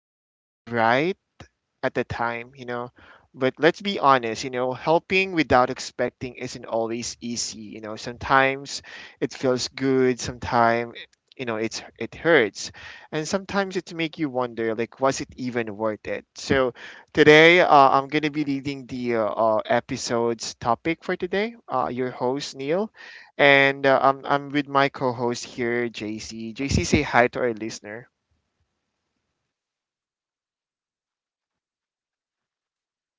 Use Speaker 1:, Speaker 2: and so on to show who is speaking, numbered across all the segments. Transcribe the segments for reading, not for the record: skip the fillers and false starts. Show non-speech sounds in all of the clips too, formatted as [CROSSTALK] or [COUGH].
Speaker 1: it felt right at the time. But let's be honest, you know, helping without expecting isn't always easy. You know, sometimes it feels good, sometimes it hurts, and sometimes it make you wonder, like, was it even worth it? So today, I'm gonna be leading the episode's topic for today. Your host Neil, and I'm with my co-host here, JC. JC, say hi to our listener.
Speaker 2: Hello guys, how are you? Anil, thank you for having me here, and I hope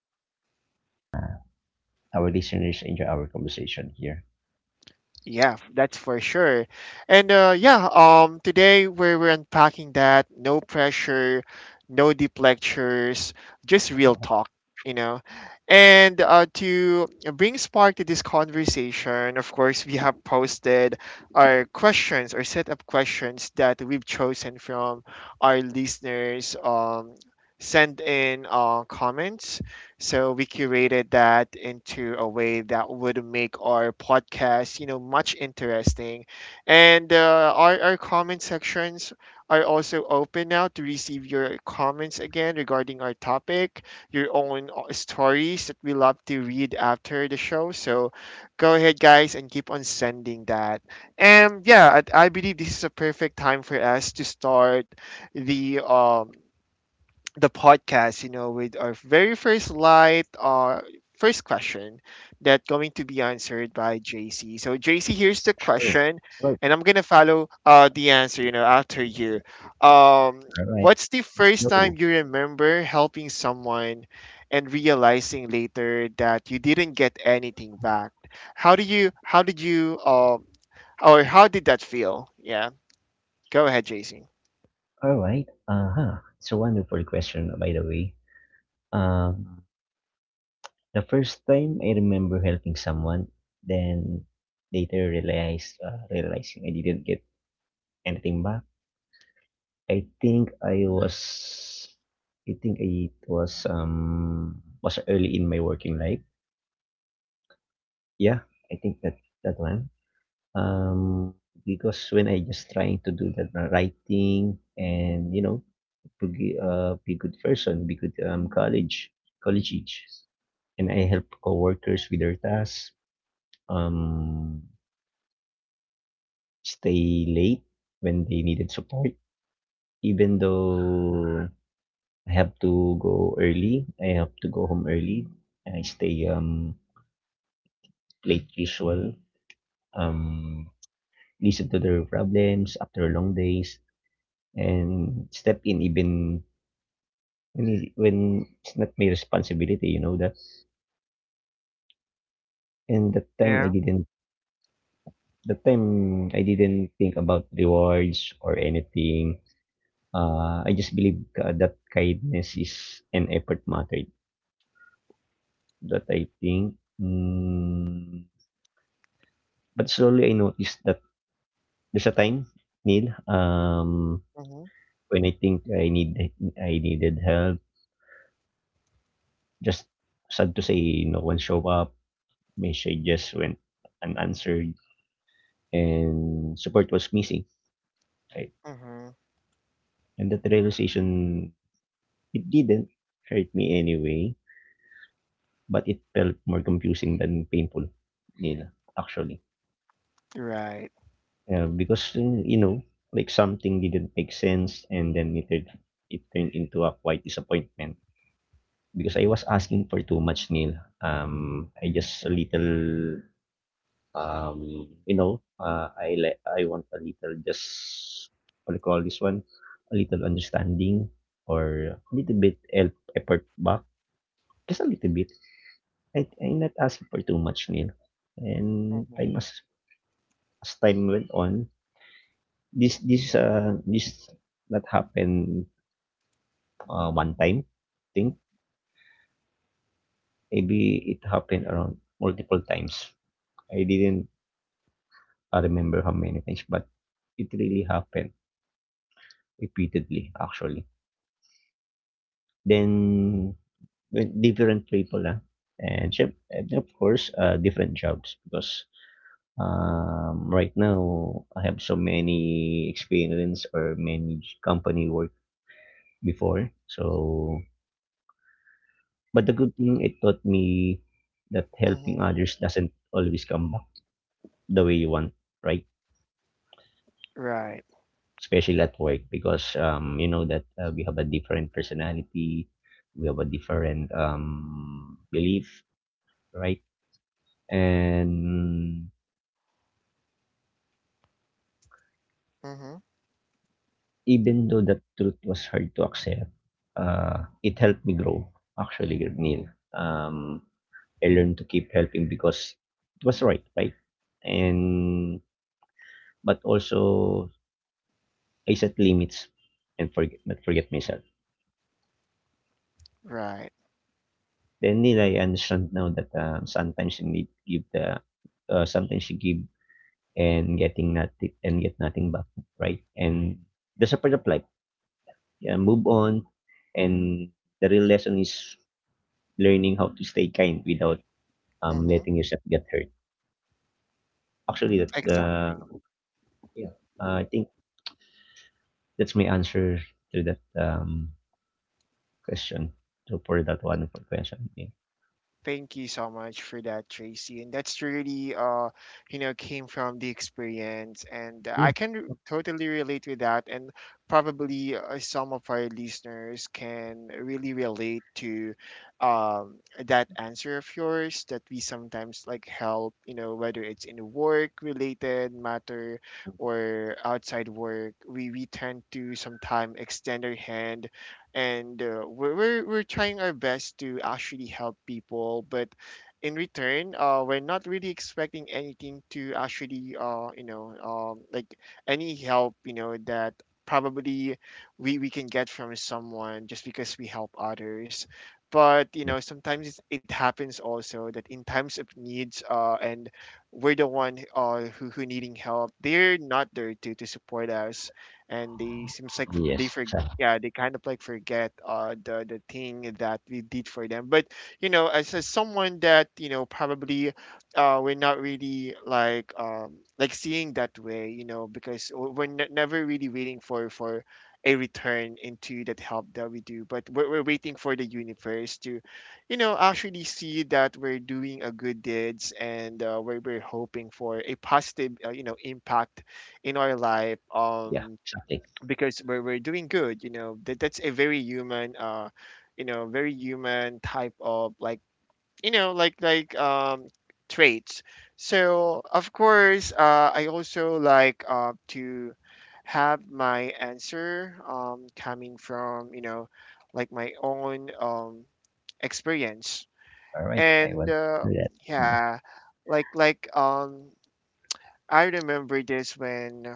Speaker 2: uh, our listeners enjoy our conversation here.
Speaker 1: That's for sure. And today we're unpacking that. No pressure, no deep lectures, just real
Speaker 2: Uh,
Speaker 1: talk, you know. And to bring spark to this conversation, of course, we have posted our questions or set up questions that we've chosen from our listeners. Send in comments so we curated that into a way that would make our podcast, you know, much interesting. And our comment sections are also open now to receive your comments again regarding our topic, your own stories that we love to read after the show. So go ahead, guys, and keep on sending that. And yeah, I believe this is a perfect time for us to start the um the podcast, you know, with our very first light, first question that going to be answered by JC. So JC, here's the
Speaker 2: sure.
Speaker 1: question,
Speaker 2: Right.
Speaker 1: and I'm gonna follow the answer, you know, after you. Um,
Speaker 2: All right.
Speaker 1: what's the
Speaker 2: Let's
Speaker 1: first time
Speaker 2: go.
Speaker 1: you remember helping someone and realizing later that you didn't get anything back? How do you? How did you? Or how did that feel? Yeah, go ahead, JC.
Speaker 2: All right. Uh huh. It's a wonderful question, by the way. Um, the first time I remember helping someone, then later realized realizing I didn't get anything back. I think I was. I think it was early in my working life. Yeah, I think that one. Um, because when I just trying to do that writing and you know, to be good person, be good college age, and I help coworkers with their tasks. Um, stay late when they needed support, even though I have to go early. I have to go home early. I stay late usual. Um, listen to their problems after long days and step in even when it's not my responsibility, you know that. And that time I
Speaker 1: Yeah.
Speaker 2: didn't That time I didn't think about rewards or anything. I just believe that kindness is an effort matter that I think. Mm, but slowly I noticed that there's a time, Neil,
Speaker 1: Mm-hmm.
Speaker 2: when I needed help. Just sad to say, no one showed up. Messages went unanswered and support was missing, right?
Speaker 1: Mm-hmm.
Speaker 2: And that realization, it didn't hurt me anyway, but it felt more confusing than painful, nila, actually.
Speaker 1: Right.
Speaker 2: Because, you know, like something didn't make sense and then it turned into a quite disappointment because I was asking for too much, Neil. I just a little Um, you know, I want a little, just what do you call this one, a little understanding or a little bit help effort back, just a little bit. I'm not asking for too much, Neil. And
Speaker 1: Mm-hmm.
Speaker 2: time As time went on, this not happened one time. Think maybe it happened around multiple times. I didn't remember how many times, but it really happened repeatedly actually. Then with different people, ah. And of course, different jobs because, right now I have so many experience or many company work before. So but the good thing it taught me that helping
Speaker 1: Mm-hmm.
Speaker 2: others doesn't always come back the way you want, right?
Speaker 1: Right.
Speaker 2: Especially at work because, you know that, we have a different personality, we have a different, belief, right? And
Speaker 1: Mm-hmm.
Speaker 2: even though that truth was hard to accept, it helped me grow, actually, Neil. I learned to keep helping because it was right, right? And but also I set limits and forget not forget myself.
Speaker 1: Right.
Speaker 2: Then Neil, I understand now that sometimes you give and get nothing back, right? And that's a part of life. Yeah, move on. And the real lesson is learning how to stay kind without
Speaker 1: Mm-hmm.
Speaker 2: letting yourself get hurt. Actually, that
Speaker 1: Exactly.
Speaker 2: the yeah, I think that's my answer to that question. So for that one, for question, yeah,
Speaker 1: Thank you so much for that, Tracy. And that's really, came from the experience, and
Speaker 2: yeah,
Speaker 1: totally relate with that. And probably some of our listeners can really relate to, um, that answer of yours that we sometimes like help, you know, whether it's in work-related matter or outside work, we tend to sometimes extend our hand and we're trying our best to actually help people but in return we're not really expecting anything to actually like any help you know that probably we can get from someone just because we help others but you
Speaker 2: okay.
Speaker 1: know sometimes it happens also that in times of needs and we're the one who needing help, they're not there to support us and they seems like they
Speaker 2: Yes,
Speaker 1: forget,
Speaker 2: so,
Speaker 1: yeah, they kind of like forget the thing that we did for them, but you know as someone that you know probably we're not really like seeing that way you know because never really waiting for a return into that help that we do, but we're waiting for the universe to you know actually see that we're doing a good deeds and we're hoping for a positive impact in our life
Speaker 2: yeah,
Speaker 1: um
Speaker 2: exactly.
Speaker 1: because we're doing good you know that that's a very human very human type of you know like like um traits. So of course I also like to have my answer coming from you know like my own experience.
Speaker 2: All right, I
Speaker 1: And
Speaker 2: want to do that. Yeah.
Speaker 1: yeah like like um I remember this when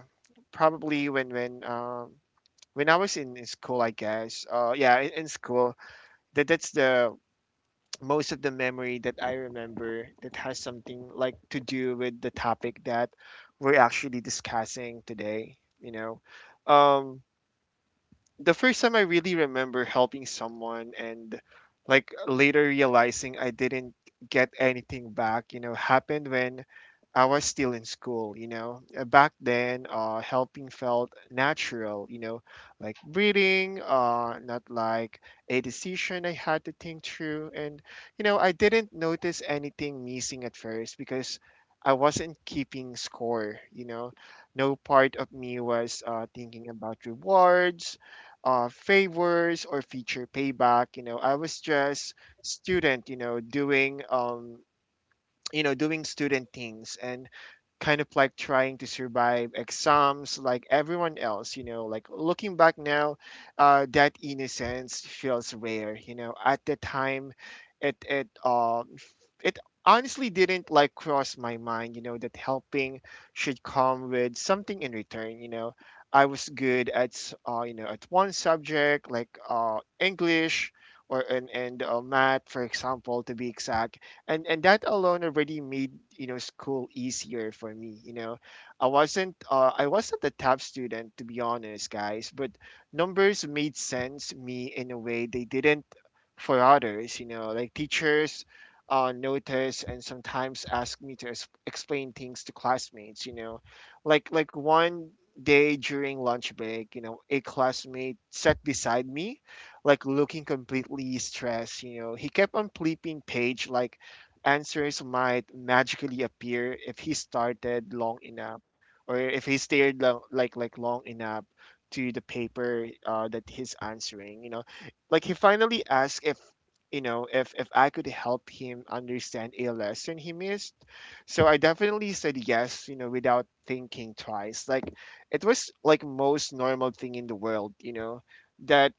Speaker 1: probably when I was in school, I guess. Yeah, in school, that that's the [TSK] most of the memory that I remember that has something like to do with the topic that we're actually discussing today. You know, um, the first time I really remember helping someone and like later realizing I didn't get anything back, you know, happened when I was still in school, you know. Back then, helping felt natural, you know, like breathing, not like a decision I had to think through. And, you know, I didn't notice anything missing at first because I wasn't keeping score, you know. No part of me was thinking about rewards, favors or feature payback. You know, I was just student, you know, doing doing student things, and kind of like trying to survive exams like everyone else, you know. Like looking back now, that innocence feels rare, you know. At the time, it it um f- it honestly didn't like cross my mind, you know, that helping should come with something in return, you know. I was good at s- You know, at one subject like english or and math for example to be exact, and that alone already made you know school easier for me, you know. I wasn't a top student to be honest, guys, but numbers made sense to me in a way they didn't for others, you know. Like teachers, notice and sometimes ask me to explain things to classmates, you know, one day during lunch break, you know, a classmate sat beside me like looking completely stressed, you know. He kept on flipping page like answers might magically appear if he started long enough, or if he stared lo- like long enough to the paper that he's answering, you know. Like he finally asked if, if I could help him understand a lesson he missed, so I definitely said yes, you know, without thinking twice, like it was like most normal thing in the world, you know. That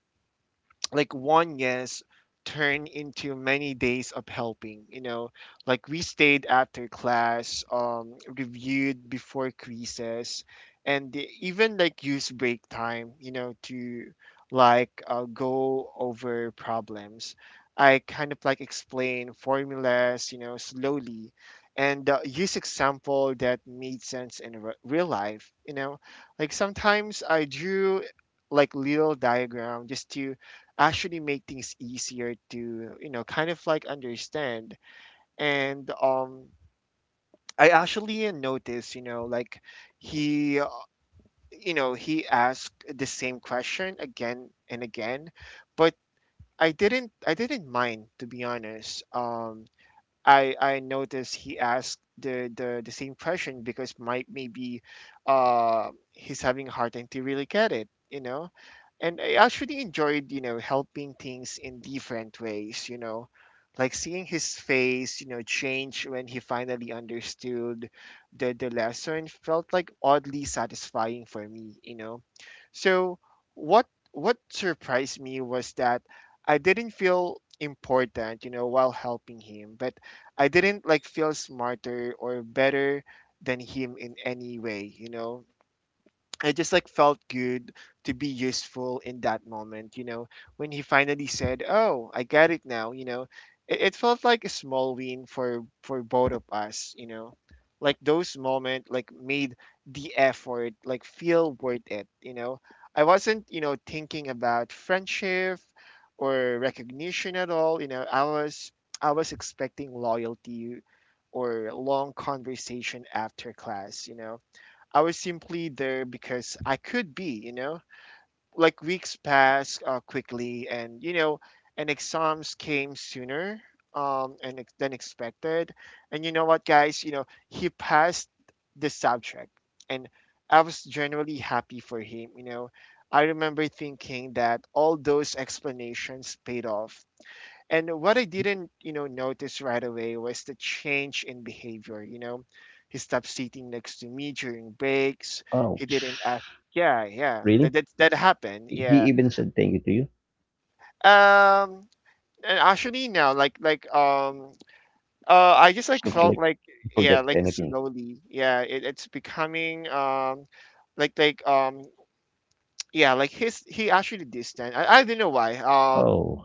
Speaker 1: like one yes turn into many days of helping, you know. Like we stayed after class, reviewed before quizzes, and even like use break time, you know, to like go over problems. I kind of like explain formulas, you know, slowly, and use example that made sense in real life, you know. Like sometimes I drew like little diagram just to actually make things easier to you know kind of like understand. And I actually noticed, you know, like he he asked the same question again and again, but I didn't mind to be honest. I noticed he asked the same question because might maybe he's having a hard time to really get it, you know. And I actually enjoyed, you know, helping things in different ways, you know, like seeing his face, you know, change when he finally understood the lesson, felt like oddly satisfying for me, you know. So what surprised me was that I didn't feel important, you know, while helping him, but I didn't like feel smarter or better than him in any way, you know. I just like felt good to be useful in that moment, you know, when he finally said, "Oh, I get it now," you know, it felt like a small win for both of us, you know. Like those moments like made the effort like feel worth it, you know. I wasn't, you know, thinking about friendship or recognition at all, you know. I was expecting loyalty or long conversation after class, you know. I was simply there because I could be, you know? Like weeks passed quickly and, you know, and exams came sooner than expected. And you know what, guys? You know, he passed the subject, and I was generally happy for him, you know? I remember thinking that all those explanations paid off, and what I didn't, you know, notice right away was the change in behavior. You know, he stopped sitting next to me during breaks.
Speaker 2: Oh,
Speaker 1: He didn't ask. Yeah, yeah,
Speaker 2: really?
Speaker 1: that happened. Yeah.
Speaker 2: He even said thank you to you.
Speaker 1: Um, and actually now, I just like
Speaker 2: Looks
Speaker 1: felt
Speaker 2: like
Speaker 1: like,
Speaker 2: he
Speaker 1: yeah,
Speaker 2: forget
Speaker 1: like
Speaker 2: anything.
Speaker 1: slowly, yeah, it's becoming like like um, [TSK] yeah, like his he actually distant. I don't know why.
Speaker 2: Oh,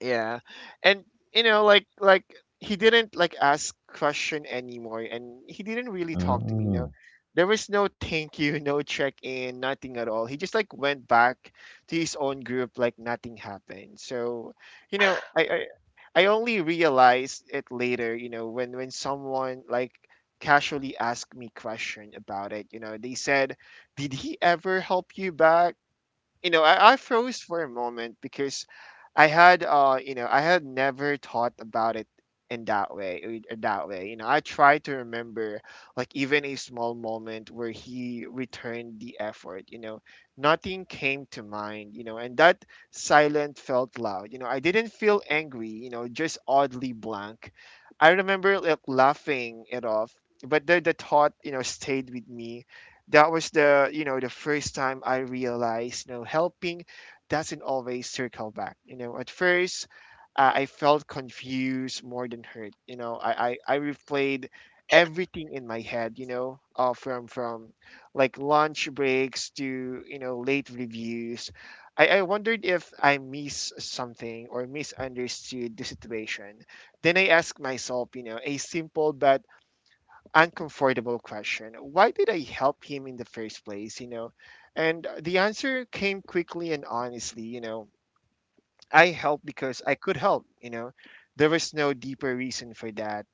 Speaker 1: Yeah. And you know, he didn't like ask question anymore and he didn't really talk to me, you know.
Speaker 2: mm.
Speaker 1: There was no thank you, [LAUGHS] no check in, nothing at all. He just like went back to his own group like nothing happened. So, you know, I I, I only realized it later, when someone like casually asked me question about it, you know, they said, "Did he ever help you back?" I froze for a moment because I had, I had never thought about it in that way, in that way. You know, I tried to remember like even a small moment where he returned the effort. You know, nothing came to mind. You know, and that silent felt loud. You know, I didn't feel angry. You know, just oddly blank. I remember like laughing it off, but the thought, you know, stayed with me that was the you know the first time I realized you know helping doesn't always circle back. You know, at first I felt confused more than hurt. I replayed everything in my head. You know, from like lunch breaks to you know late reviews. I wondered if I missed something or misunderstood the situation. Then I asked myself, you know, a simple but uncomfortable question. Why did I help him in the first place, you know? And the answer came quickly and honestly, you know, I helped because I could help, you know. There was no deeper reason for that.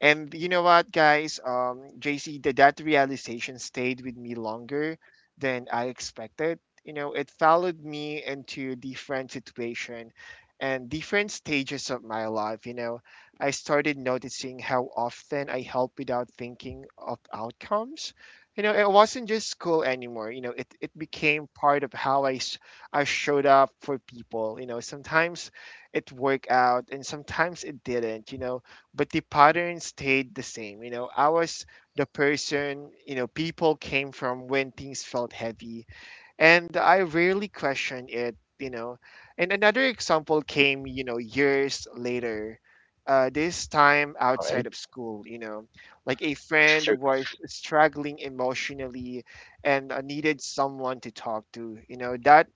Speaker 1: And you know what, guys? JC, that realization stayed with me longer than I expected. You know, it followed me into different situation and different stages of my life. You know, I started noticing how often I help without thinking of outcomes. You know, it wasn't just school anymore. You know, it became part of how I showed up for people. You know, sometimes it worked out and sometimes it didn't, you know, but the pattern stayed the same. You know, I was the person, you know, people came from when things felt heavy and I rarely questioned it, you know. And another example came, you know, years later. This time
Speaker 2: All right.
Speaker 1: outside of school, you know, like a friend
Speaker 2: Circle,
Speaker 1: was struggling emotionally and needed someone to talk to. You know, that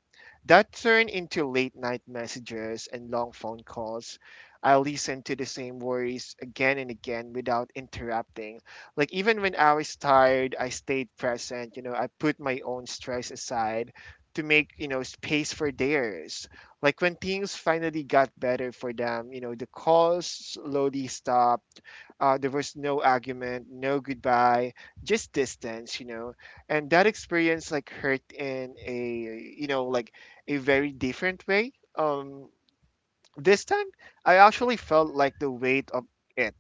Speaker 1: that turned into late night messages and long phone calls. I listened to the same worries again and again without interrupting. Like, even when I was tired, I stayed present. You know, I put my own stress aside to make, you know, space for theirs. Like, when things finally got better for them, you know, the calls slowly stopped. There was no argument, no goodbye, just distance, you know. And that experience, like, hurt in a, you know, like, a very different way. This time, I actually felt like the weight of it,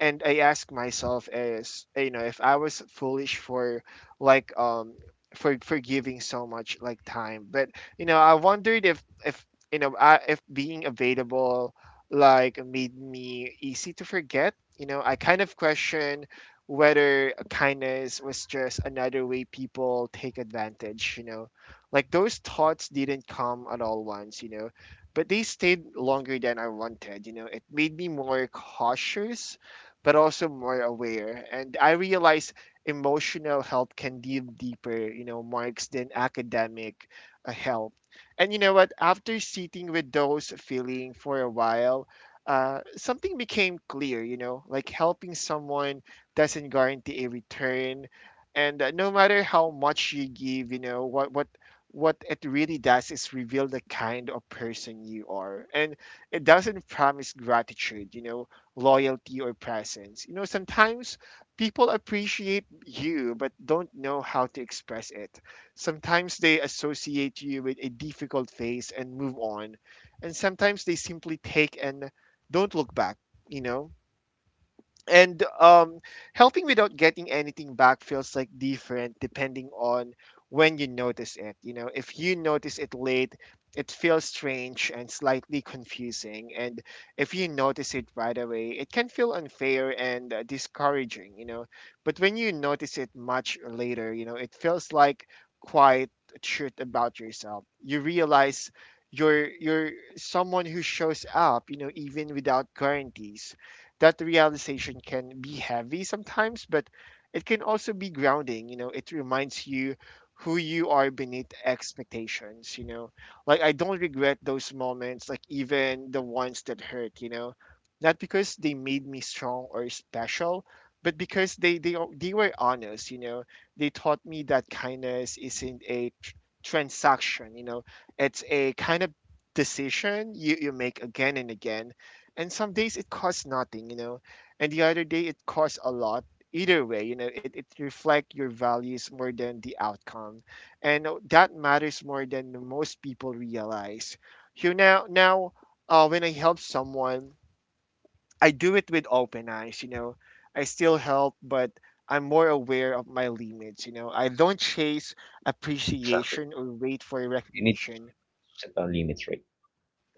Speaker 1: and I ask myself is, you know, if I was foolish for like for giving so much like time, but you know I wondered if you know I, if being available like made me easy to forget, you know, I kind of question whether kindness was just another way people take advantage, you know, like those thoughts didn't come at all once, you know, but they stayed longer than I wanted. You know, it made me more cautious but also more aware. And I realize emotional help can give deeper, you know, marks than academic help. And you know what? After sitting with those feeling for a while, something became clear. You know, like helping someone doesn't guarantee a return, and no matter how much you give, you know what what it really does is reveal the kind of person you are, and it doesn't promise gratitude, you know, loyalty or presence. You know, sometimes people appreciate you but don't know how to express it. Sometimes they associate you with a difficult phase and move on. And sometimes they simply take and don't look back, you know? And helping without getting anything back feels like different depending on when you notice it, you know. If you notice it late it feels strange and slightly confusing, and if you notice it right away it can feel unfair and discouraging, you know. But when you notice it much later, you know, it feels like quiet truth about yourself. You realize you're someone who shows up, you know, even without guarantees. That realization can be heavy sometimes, but it can also be grounding. You know, it reminds you who you are beneath expectations. You know, like I don't regret those moments, like even the ones that hurt. You know, not because they made me strong or special, but because they were honest. You know, they taught me that kindness isn't a transaction. You know, it's a kind of decision you make again and again. And some days it costs nothing, you know, and the other day it costs a lot. Either way, you know, it reflects your values more than the outcome, and that matters more than most people realize. You now now when I help someone I do it with open eyes, you know. I still help, but I'm more aware of my limits, you know. I don't chase
Speaker 2: exactly.
Speaker 1: appreciation or wait for
Speaker 2: You need to
Speaker 1: recognition.
Speaker 2: set down limits, right?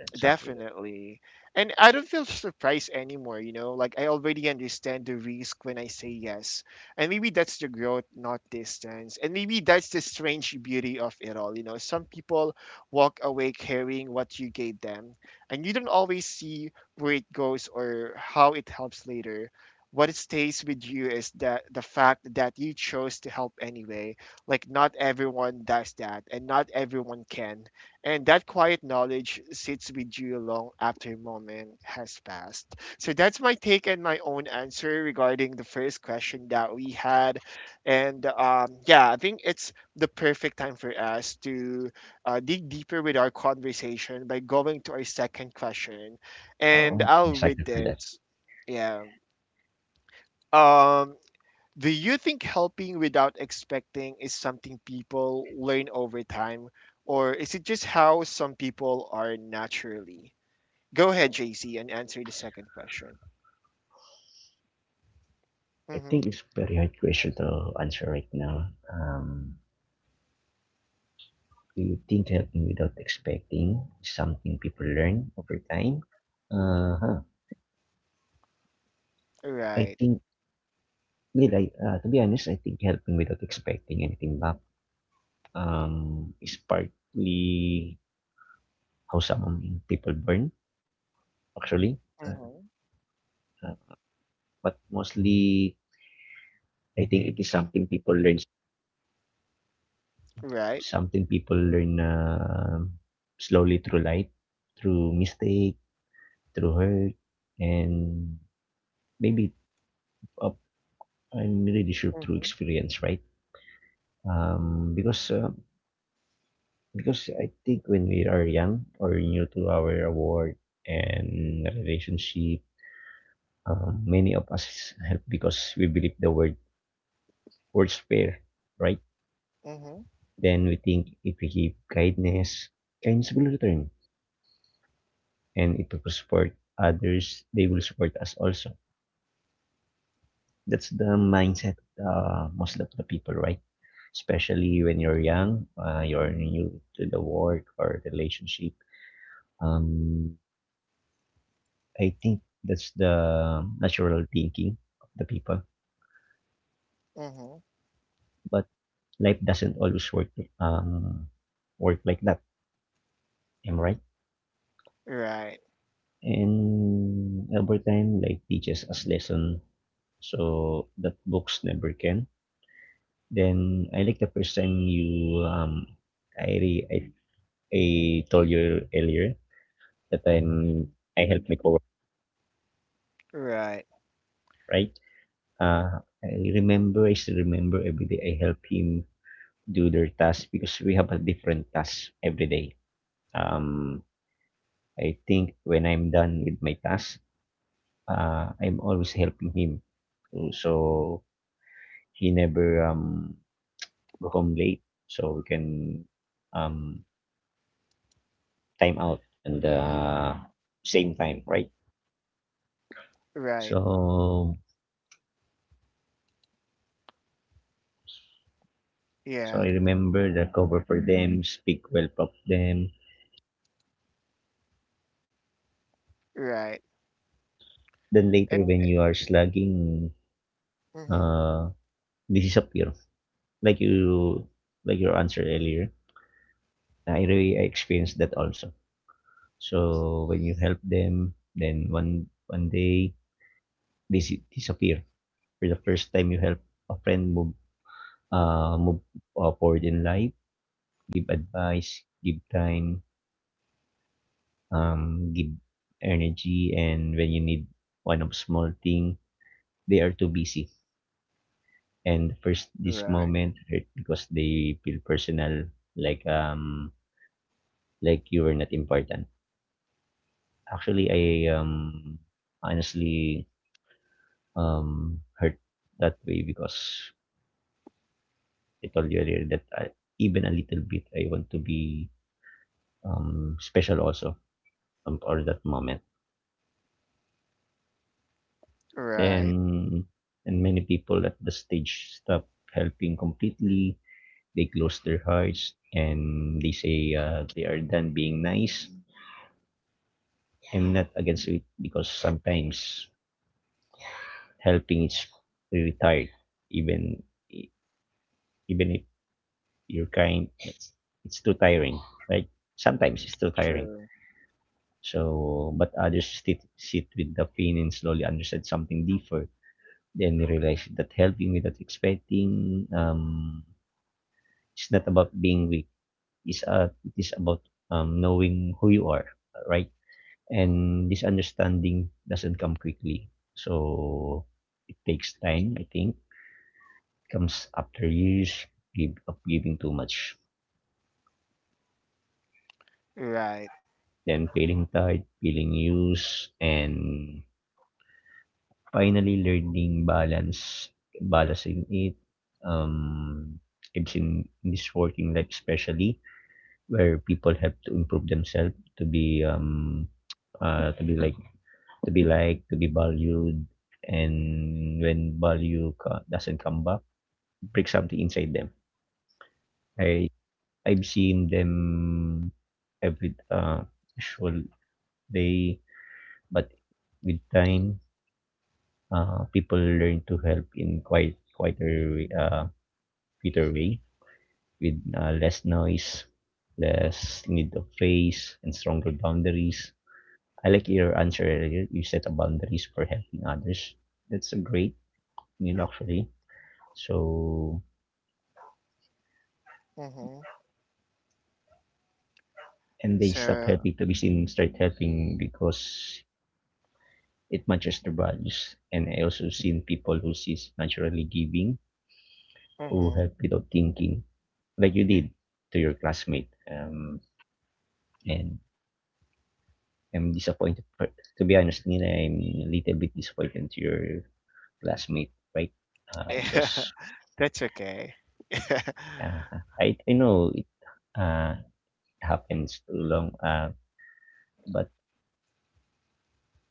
Speaker 2: Exactly.
Speaker 1: Definitely. And I don't feel surprised anymore, you know? Like, I already understand the risk when I say yes. And maybe that's the growth, not distance. And maybe that's the strange beauty of it all, you know? Some people walk away carrying what you gave them, and you don't always see where it goes or how it helps later. What stays with you is that the fact that you chose to help anyway. Like, not everyone does that, and not everyone can. And that quiet knowledge sits with you long after a moment has passed. So that's my take and my own answer regarding the first question that we had. And yeah, I think it's the perfect time for us to dig deeper with our conversation by going to our second question.
Speaker 2: All
Speaker 1: And
Speaker 2: right. I'm
Speaker 1: I'll read
Speaker 2: excited for that.
Speaker 1: this. Yeah. Um, do you think helping without expecting is something people learn over time, or is it just how some people are naturally? Go ahead, JC, and answer the second question.
Speaker 2: I
Speaker 1: Mm-hmm.
Speaker 2: think it's very hard question to answer right now. Do you think helping without expecting is something people learn over time? Uh huh. I
Speaker 1: Right.
Speaker 2: think, to be honest, I think helping without expecting anything back is partly how some people burn, actually. Uh,
Speaker 1: Mm-hmm.
Speaker 2: uh, but mostly, I think it is something people learn,
Speaker 1: Right.
Speaker 2: something people learn Uh. slowly through life, through mistake, through hurt, and maybe uh, I'm really sure through
Speaker 1: Mm-hmm.
Speaker 2: experience, right? Um, because uh, because I think when we are young or new to our work and relationship, many of us help because we believe the words fair, right?
Speaker 1: Mm-hmm.
Speaker 2: Then we think if we give kindness, kindness will return, and if we support others, they will support us also. That's the mindset of the most of the people, right? Especially when you're young, you're new to the work or relationship. Um, I think that's the natural thinking of the people.
Speaker 1: Mm-hmm.
Speaker 2: But life doesn't always um, work like that. Am I right?
Speaker 1: Right.
Speaker 2: And over time, life teaches us lesson. So that books never can. Then I like the first time you I re- I told you earlier that I help my coworker,
Speaker 1: Right.
Speaker 2: right? I still remember every day I help him do their tasks because we have a different task every day. Um, I think when I'm done with my task, I'm always helping him. So he never go home late so we can um, time out and same time, right?
Speaker 1: Right.
Speaker 2: So
Speaker 1: Yeah.
Speaker 2: so I remember the cover for them, speak well of them.
Speaker 1: Right.
Speaker 2: Then later
Speaker 1: And
Speaker 2: when you are slugging,
Speaker 1: mm-hmm.
Speaker 2: uh, this is a like you, like your answer earlier, I experienced that also. So when you help them, then one one day they s- disappear. For the first time you help a friend move, uh, move forward in life, give advice, give time, give energy, and when you need one of small thing, they are too busy and first this
Speaker 1: Right.
Speaker 2: moment hurt because they feel personal, like um like you were not important actually. I Honestly, hurt that way because I told you earlier that even a little bit I want to be special also, for that moment.
Speaker 1: Right.
Speaker 2: Then and many people at the stage stop helping completely. They close their hearts and they say they are done being nice. I'm not against it because sometimes helping is really tired, even e, even if you're kind, it's too tiring, right? Sometimes it's too tiring.
Speaker 1: True.
Speaker 2: So, but others sit with the pain and slowly understand something deeper. Then you realize that helping without expecting, it's not about being weak. It is about knowing who you are, right? And this understanding doesn't come quickly. So it takes time, I think. It comes after years of giving too much.
Speaker 1: Right.
Speaker 2: Then feeling tired, feeling used, and finally learning balance, balancing it. Um, in this working life especially where people have to improve themselves uh, to be like to be liked, to be valued, and when doesn't come back, break something inside them. I I've seen them every usual day, but with time, people learn to help in quieter way with less noise, less need of face, and stronger boundaries. I like your answer earlier. You set a boundaries for helping others. That's a great meal actually. So
Speaker 1: Mm-hmm.
Speaker 2: and they stop
Speaker 1: So
Speaker 2: helping to be seen, start helping because it matches their values. And I also seen people who sees naturally giving, who
Speaker 1: mm-hmm.
Speaker 2: help without thinking, like you did to your classmate. And I'm disappointed. For, to be honest, Nina, I'm a little bit disappointed to your classmate, right?
Speaker 1: [LAUGHS] Yeah,
Speaker 2: Because
Speaker 1: that's okay. [LAUGHS]
Speaker 2: uh, I know it uh, happens too long. But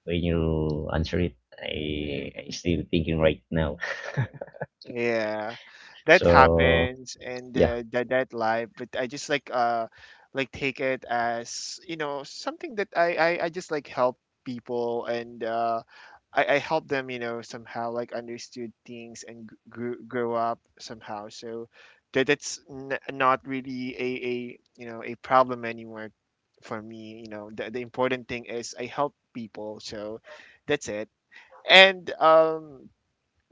Speaker 2: when you answer it, I still thinking right now. [LAUGHS]
Speaker 1: Yeah, that
Speaker 2: So,
Speaker 1: happens and
Speaker 2: yeah.
Speaker 1: that that life, but I just like take it as you know something that I just like help people and I help them, you know, somehow like understood things and g- grew grow up somehow. So that that's n not really a you know a problem anymore for me. You know the important thing is I help people. So that's it. And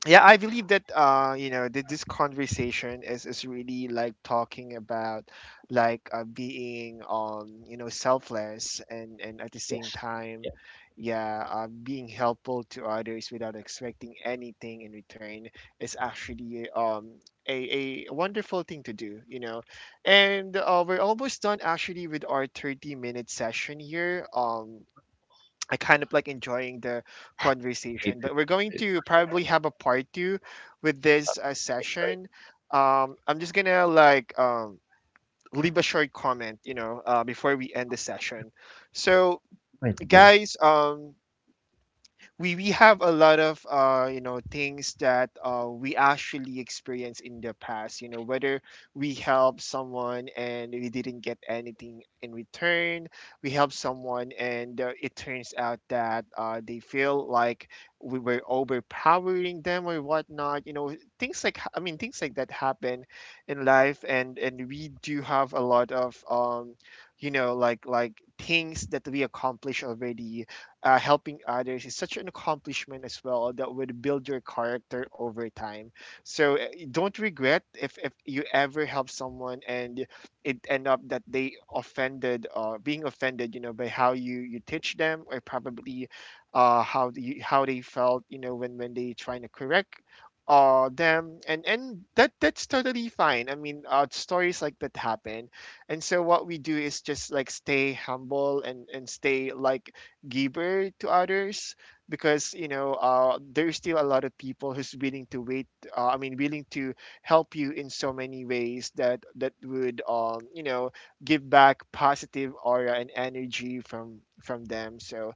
Speaker 1: yeah, I believe that you know that this conversation is really like talking about like being you know selfless, and at the same
Speaker 2: Yes.
Speaker 1: time
Speaker 2: Yeah,
Speaker 1: yeah being helpful to others without expecting anything in return is actually a wonderful thing to do, you know. And we're almost done actually with our 30-minute session here. I kind of like enjoying the
Speaker 2: me
Speaker 1: conversation,
Speaker 2: too.
Speaker 1: but we're going to probably have a part two with this
Speaker 2: Right.
Speaker 1: session. I'm just gonna like leave a short comment, you know, before we end the session. So,
Speaker 2: Right, deal.
Speaker 1: guys, we have a lot of you know things that we actually experienced in the past, you know, whether we help someone and we didn't get anything in return, we help someone and it turns out that they feel like we were overpowering them or whatnot, you know, things like things like that happen in life, and we do have a lot of you know like things that we accomplish already. Helping others is such an accomplishment as well that would build your character over time. So you don't regret if you ever help someone and it end up that they offended or being offended, you know, by how you teach them, or probably how the, how they felt, you know, when they trying to correct them, and and that's totally fine. Stories like that happen, and so what we do is just like stay humble and stay like giver to others, because you know there's still a lot of people who's willing to wait, willing to help you in so many ways that that would you know give back positive aura and energy from them. So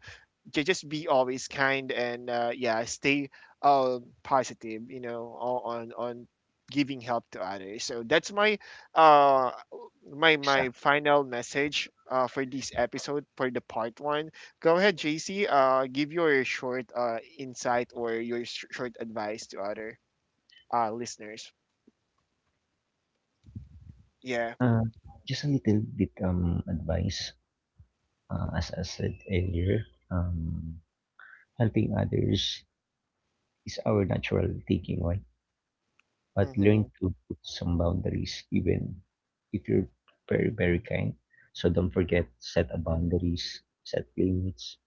Speaker 1: just be always kind, and yeah, stay positive, you know, on giving help to others. So that's my uh my
Speaker 2: Isa.
Speaker 1: my final message for this episode, for the part one. Go ahead, JC, give your short insight, or your short advice to other listeners. Yeah.
Speaker 2: Uh, just a little bit advice. As I said earlier, helping others is our natural taking, right? But
Speaker 1: Mm-hmm.
Speaker 2: learn to put some boundaries, even if you're very very kind. So don't forget set a boundaries, set limits.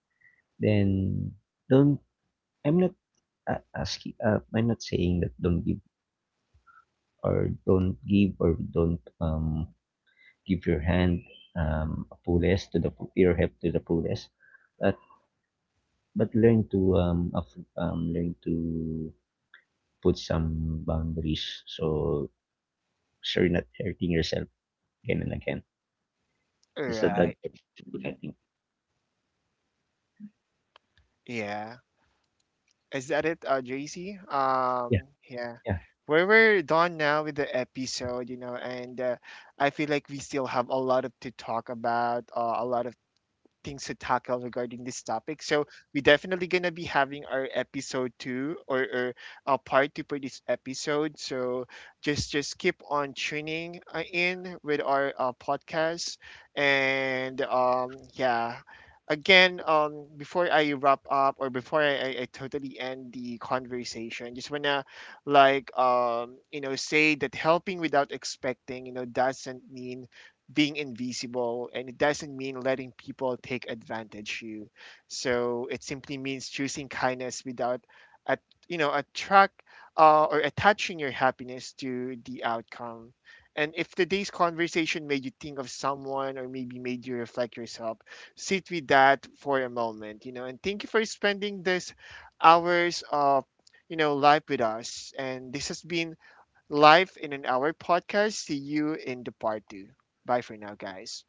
Speaker 2: Then don't. I'm not asking. I'm not saying that don't give or don't give or don't give your hand, fullest to the your help to the fullest, but but learn to learn to put some boundaries so so you're not hurting yourself again and again. That's the dog
Speaker 1: Right.
Speaker 2: person, I think.
Speaker 1: Yeah. Is that it, JC?
Speaker 2: Yeah,
Speaker 1: Yeah.
Speaker 2: yeah.
Speaker 1: Well, we're done now with the episode, you know, and I feel like we still have a lot of to talk about, a lot of things to tackle regarding this topic. So we definitely gonna be having our episode two or a part two for this episode. So just keep on tuning in with our podcast and yeah. Again, before I wrap up, or before I totally end the conversation, just wanna like you know say that helping without expecting you know doesn't mean being invisible, and it doesn't mean letting people take advantage you. So it simply means choosing kindness without at you know attract or attaching your happiness to the outcome. And if today's conversation made you think of someone, or maybe made you reflect yourself, sit with that for a moment, you know. And thank you for spending this hours of you know life with us, and this has been Life in an Hour podcast. See you in the part two. Bye for now, guys.